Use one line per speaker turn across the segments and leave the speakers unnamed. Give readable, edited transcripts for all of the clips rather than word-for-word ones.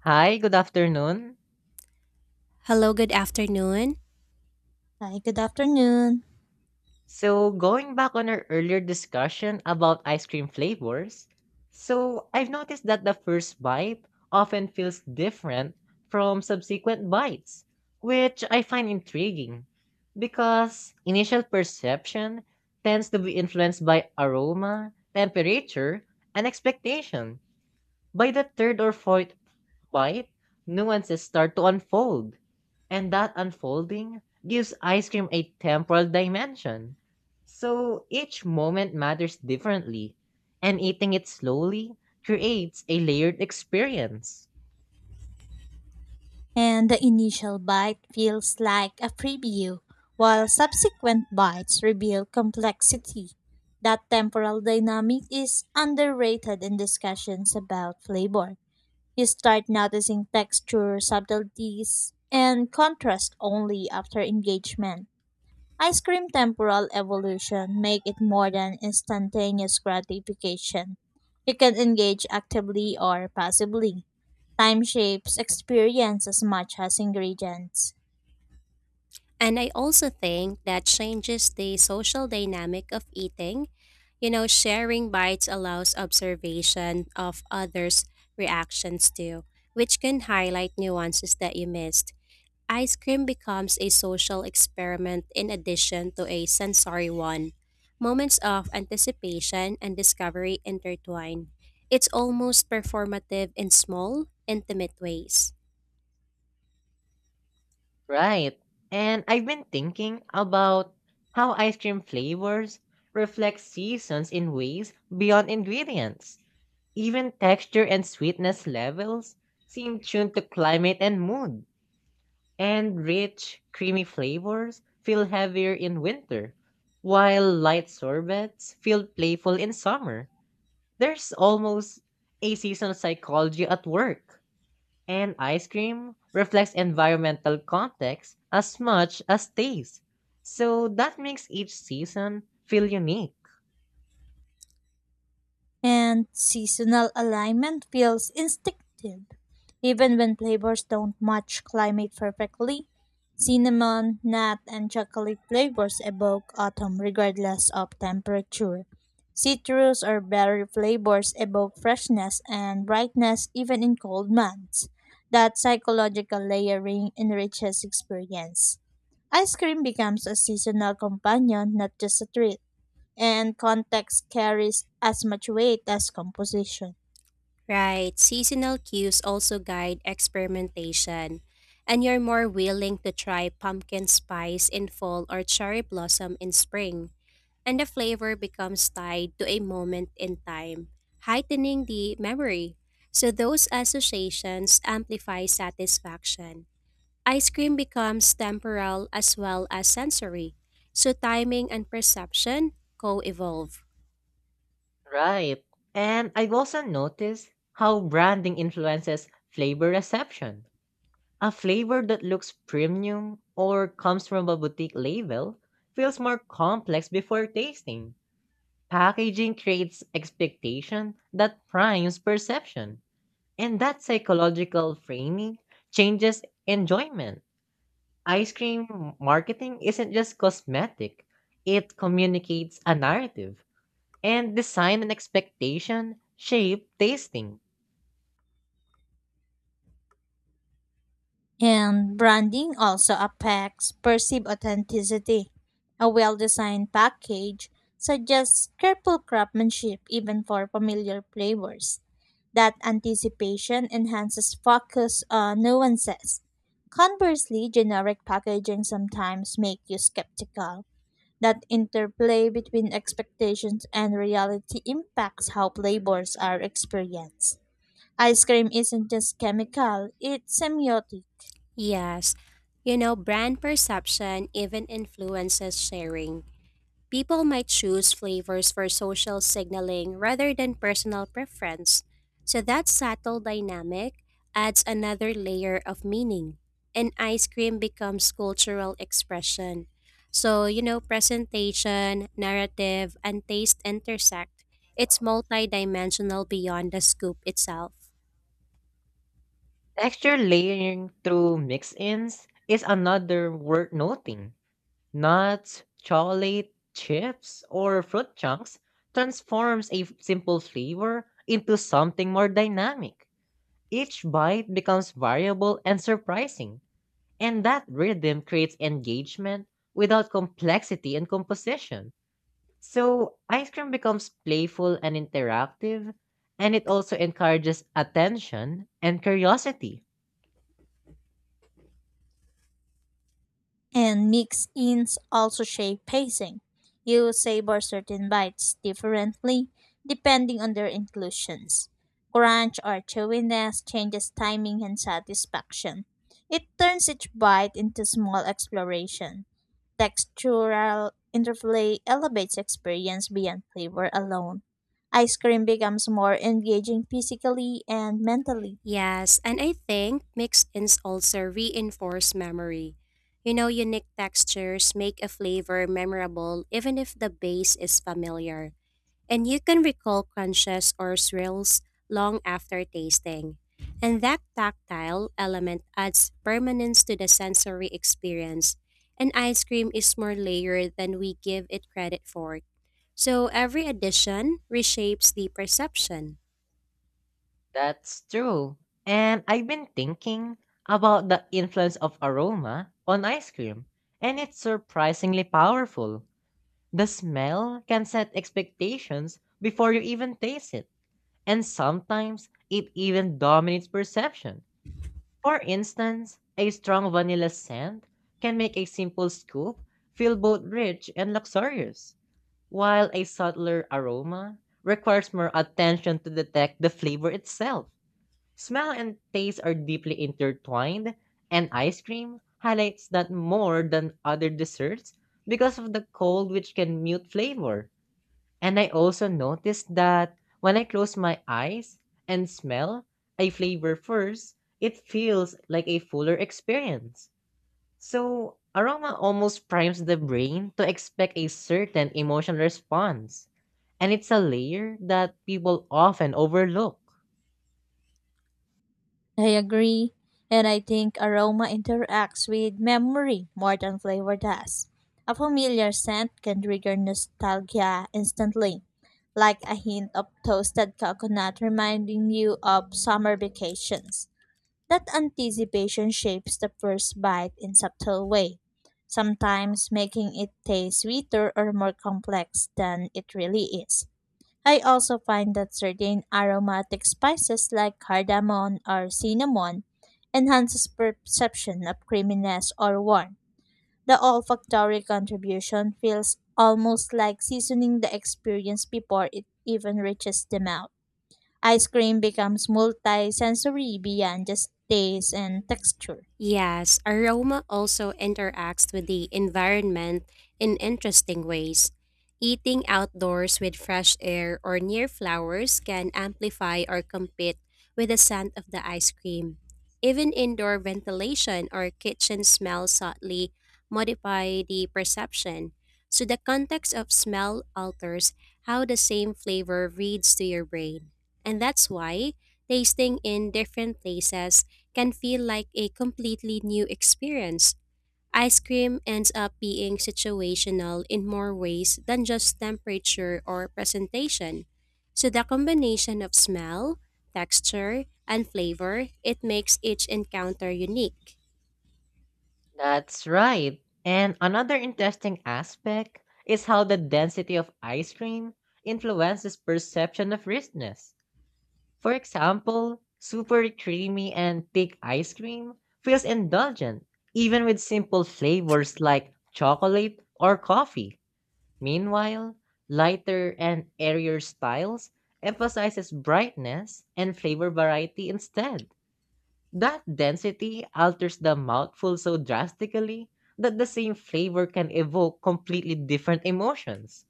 Hi, good afternoon.
Hello, good afternoon.
Hi, good afternoon.
Going back on our earlier discussion about ice cream flavors, I've noticed that the first bite often feels different from subsequent bites, which I find intriguing because initial perception tends to be influenced by aroma, temperature, and expectation by the third or fourth Quiet nuances start to unfold, and that unfolding gives ice cream a temporal dimension. So each moment matters differently, and eating it slowly creates a layered experience.
And the initial bite feels like a preview, while subsequent bites reveal complexity. That temporal dynamic is underrated in discussions about flavor. You start noticing texture, subtleties, and contrast only after engagement. Ice cream temporal evolution make it more than instantaneous gratification. You can engage actively or passively. Time shapes experience as much as ingredients.
And I also think that changes the social dynamic of eating. You know, sharing bites allows observation of others' reactions too, which can highlight nuances that you missed. Ice cream becomes a social experiment in addition to a sensory one. Moments of anticipation and discovery intertwine. It's almost performative in small, intimate ways.
Right. And I've been thinking about how ice cream flavors reflect seasons in ways beyond ingredients. Even texture and sweetness levels seem tuned to climate and mood. And rich, creamy flavors feel heavier in winter, while light sorbets feel playful in summer. There's almost a seasonal psychology at work, and ice cream reflects environmental context as much as taste. So that makes each season feel unique.
And seasonal alignment feels instinctive. Even when flavors don't match climate perfectly, cinnamon, nut, and chocolate flavors evoke autumn regardless of temperature. Citrus or berry flavors evoke freshness and brightness even in cold months. That psychological layering enriches experience. Ice cream becomes a seasonal companion, not just a treat, and context carries as much weight as composition.
Right, seasonal cues also guide experimentation, and you're more willing to try pumpkin spice in fall or cherry blossom in spring, and the flavor becomes tied to a moment in time, heightening the memory. So those associations amplify satisfaction. Ice cream becomes temporal as well as sensory, so timing and perception co-evolve.
Right. And I've also noticed how branding influences flavor reception. A flavor that looks premium or comes from a boutique label feels more complex before tasting. Packaging creates expectation that primes perception, and that psychological framing changes enjoyment. Ice cream marketing isn't just cosmetic, it communicates a narrative, and design and expectation shape tasting.
And branding also affects perceived authenticity. A well designed package suggests careful craftsmanship even for familiar flavors. That anticipation enhances focus on nuances. Conversely, generic packaging sometimes make you skeptical. That interplay between expectations and reality impacts how flavors are experienced. Ice cream isn't just chemical, it's semiotic,
Yes. You know, brand perception even influences sharing. People might choose flavors for social signaling rather than personal preference. So that subtle dynamic adds another layer of meaning. And ice cream becomes cultural expression. So, you know, presentation, narrative, and taste intersect. It's multidimensional beyond the scoop itself.
Texture layering through mix ins is another worth noting. Nuts, chocolate, chips, or fruit chunks transforms a simple flavor into something more dynamic. Each bite becomes variable and surprising, and that rhythm creates engagement without complexity and composition. So, ice cream becomes playful and interactive, and it also encourages attention and curiosity.
and mix ins also shape pacing. You savor certain bites differently depending on their inclusions. Crunch or chewiness changes timing and satisfaction. It turns each bite into small exploration. Textural interplay elevates experience beyond flavor alone. Ice cream becomes more engaging physically and mentally.
Yes, and I think mixed ins also reinforce memory. You know, unique textures make a flavor memorable even if the base is familiar, and you can recall crunches or swirls long after tasting. And that tactile element adds permanence to the sensory experience, and ice cream is more layered than we give it credit for. So every addition reshapes the perception.
That's true. And I've been thinking about the influence of aroma on ice cream, and it's surprisingly powerful. The smell can set expectations before you even taste it, and sometimes it even dominates perception. For instance, a strong vanilla scent can make a simple scoop feel both rich and luxurious, while a subtler aroma requires more attention to detect the flavor itself. Smell and taste are deeply intertwined, and ice cream highlights that more than other desserts because of the cold, which can mute flavor. And I also noticed that when I close my eyes and smell a flavor first, it feels like a fuller experience. So, aroma almost primes the brain to expect a certain emotional response. And it's a layer that people often overlook.
I agree, and I think aroma interacts with memory more than flavor does. A familiar scent can trigger nostalgia instantly, like a hint of toasted coconut reminding you of summer vacations. That anticipation shapes the first bite in subtle way, sometimes making it taste sweeter or more complex than it really is. I also find that certain aromatic spices like cardamom or cinnamon enhances perception of creaminess or warmth. The olfactory contribution feels almost like seasoning the experience before it even reaches the mouth. Ice cream becomes multi-sensory beyond just taste and texture.
Yes, aroma also interacts with the environment in interesting ways. Eating outdoors with fresh air or near flowers can amplify or compete with the scent of the ice cream. Even indoor ventilation or kitchen smell subtly modify the perception. So the context of smell alters how the same flavor reads to your brain. And that's why tasting in different places can feel like a completely new experience. Ice cream ends up being situational in more ways than just temperature or presentation. So the combination of smell, texture, and flavor, it makes each encounter unique.
That's right. And another interesting aspect is how the density of ice cream influences perception of richness. For example, super creamy and thick ice cream feels indulgent, even with simple flavors like chocolate or coffee. Meanwhile, lighter and airier styles emphasizes brightness and flavor variety instead. That density alters the mouthful so drastically that the same flavor can evoke completely different emotions.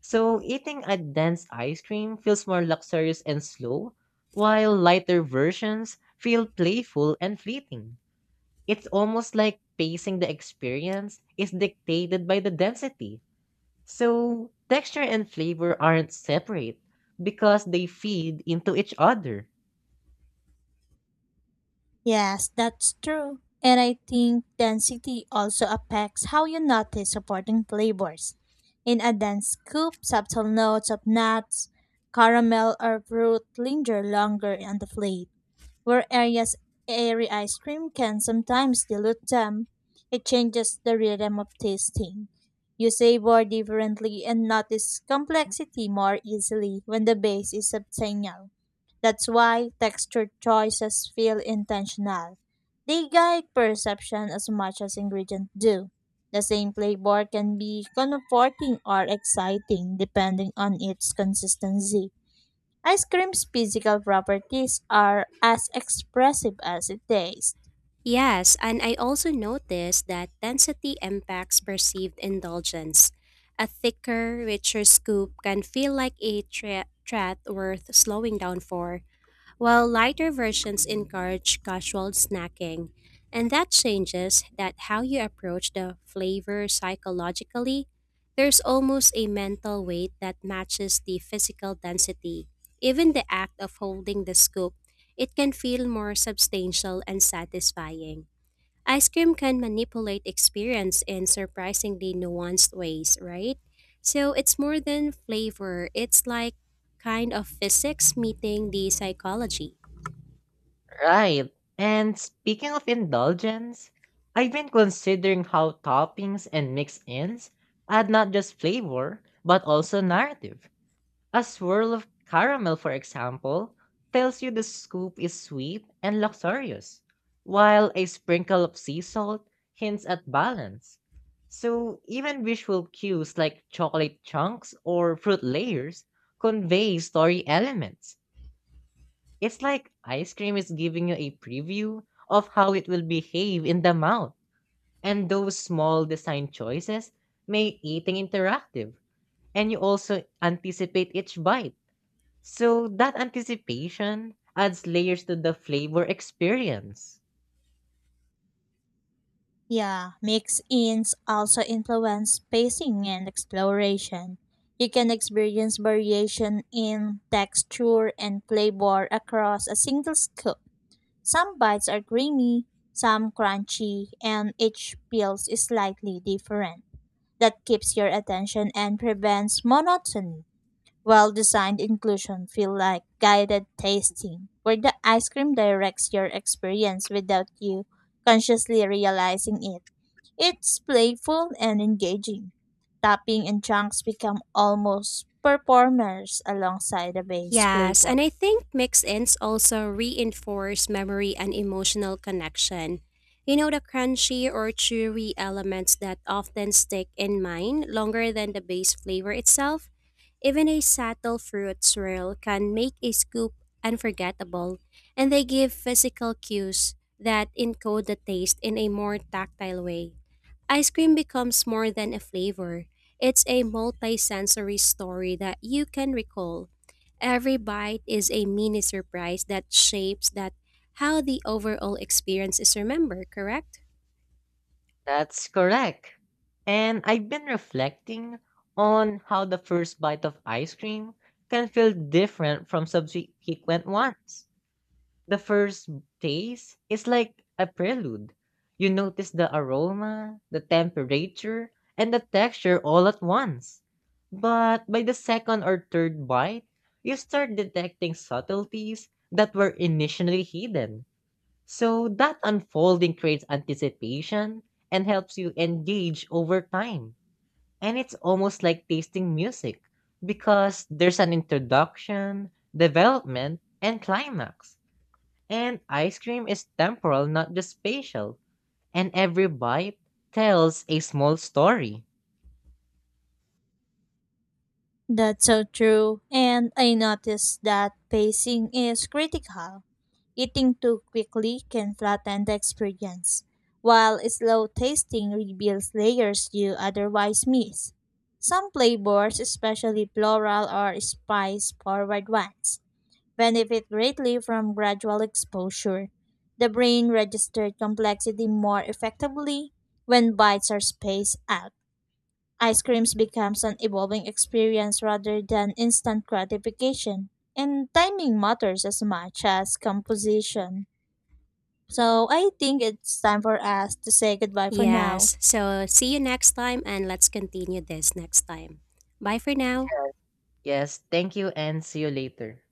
So, eating a dense ice cream feels more luxurious and slow, while lighter versions feel playful and fleeting. It's almost like pacing the experience is dictated by the density. So, texture and flavor aren't separate because they feed into each other.
Yes, that's true. And I think density also affects how you notice supporting flavors. In a dense scoop, subtle notes of nuts, caramel, or fruit linger longer on the plate, where areas airy ice cream can sometimes dilute them. It changes the rhythm of tasting. You savor differently and notice complexity more easily when the base is substantial. That's why texture choices feel intentional. They guide perception as much as ingredients do. The same flavor can be comforting or exciting depending on its consistency. Ice cream's physical properties are as expressive as it tastes.
Yes, and I also noticed that density impacts perceived indulgence. A thicker, richer scoop can feel like a treat worth slowing down for, while lighter versions encourage casual snacking. And that changes that how you approach the flavor psychologically. There's almost a mental weight that matches the physical density. Even the act of holding the scoop, it can feel more substantial and satisfying. Ice cream can manipulate experience in surprisingly nuanced ways, right? So it's more than flavor, it's like kind of physics meeting the psychology.
Right. And speaking of indulgence, I've been considering how toppings and mix-ins add not just flavor, but also narrative. A swirl of caramel, for example, tells you the scoop is sweet and luxurious, while a sprinkle of sea salt hints at balance. So even visual cues like chocolate chunks or fruit layers convey story elements. It's like ice cream is giving you a preview of how it will behave in the mouth. And those small design choices make eating interactive. And you also anticipate each bite. So that anticipation adds layers to the flavor experience.
Yeah, mix-ins also influence spacing and exploration. You can experience variation in texture and flavor across a single scoop. Some bites are creamy, some crunchy, and each peel is slightly different. That keeps your attention and prevents monotony. Well designed inclusion feel like guided tasting, where the ice cream directs your experience without you consciously realizing it. It's playful and engaging. Topping and chunks become almost performers alongside the base
Yes,
flavor.
and I think mix ins also reinforce memory and emotional connection. You know, the crunchy or chewy elements that often stick in mind longer than the base flavor itself. Even a subtle fruit swirl can make a scoop unforgettable, and they give physical cues that encode the taste in a more tactile way. Ice cream becomes more than a flavor, it's a multi sensory story that you can recall. Every bite is a mini surprise that shapes that how the overall experience is remembered, correct?
That's correct. And I've been reflecting on how the first bite of ice cream can feel different from subsequent ones. The first taste is like a prelude. You notice the aroma, the temperature, and the texture all at once. But by the second or third bite, you start detecting subtleties that were initially hidden. So that unfolding creates anticipation and helps you engage over time. And it's almost like tasting music because there's an introduction, development, and climax. And ice cream is temporal, not just spatial. And every bite tells a small story.
That's so true. And I noticed that pacing is critical. Eating too quickly can flatten the experience, while slow tasting reveals layers you otherwise miss. Some flavors, especially floral or spice forward ones, benefit greatly from gradual exposure. The brain registers complexity more effectively when bites are spaced out. Ice creams becomes an evolving experience rather than instant gratification. And timing matters as much as composition. So I think it's time for us to say goodbye for now.
Yes. So see you next time and let's continue this next time. Bye for now.
Yes, thank you and see you later.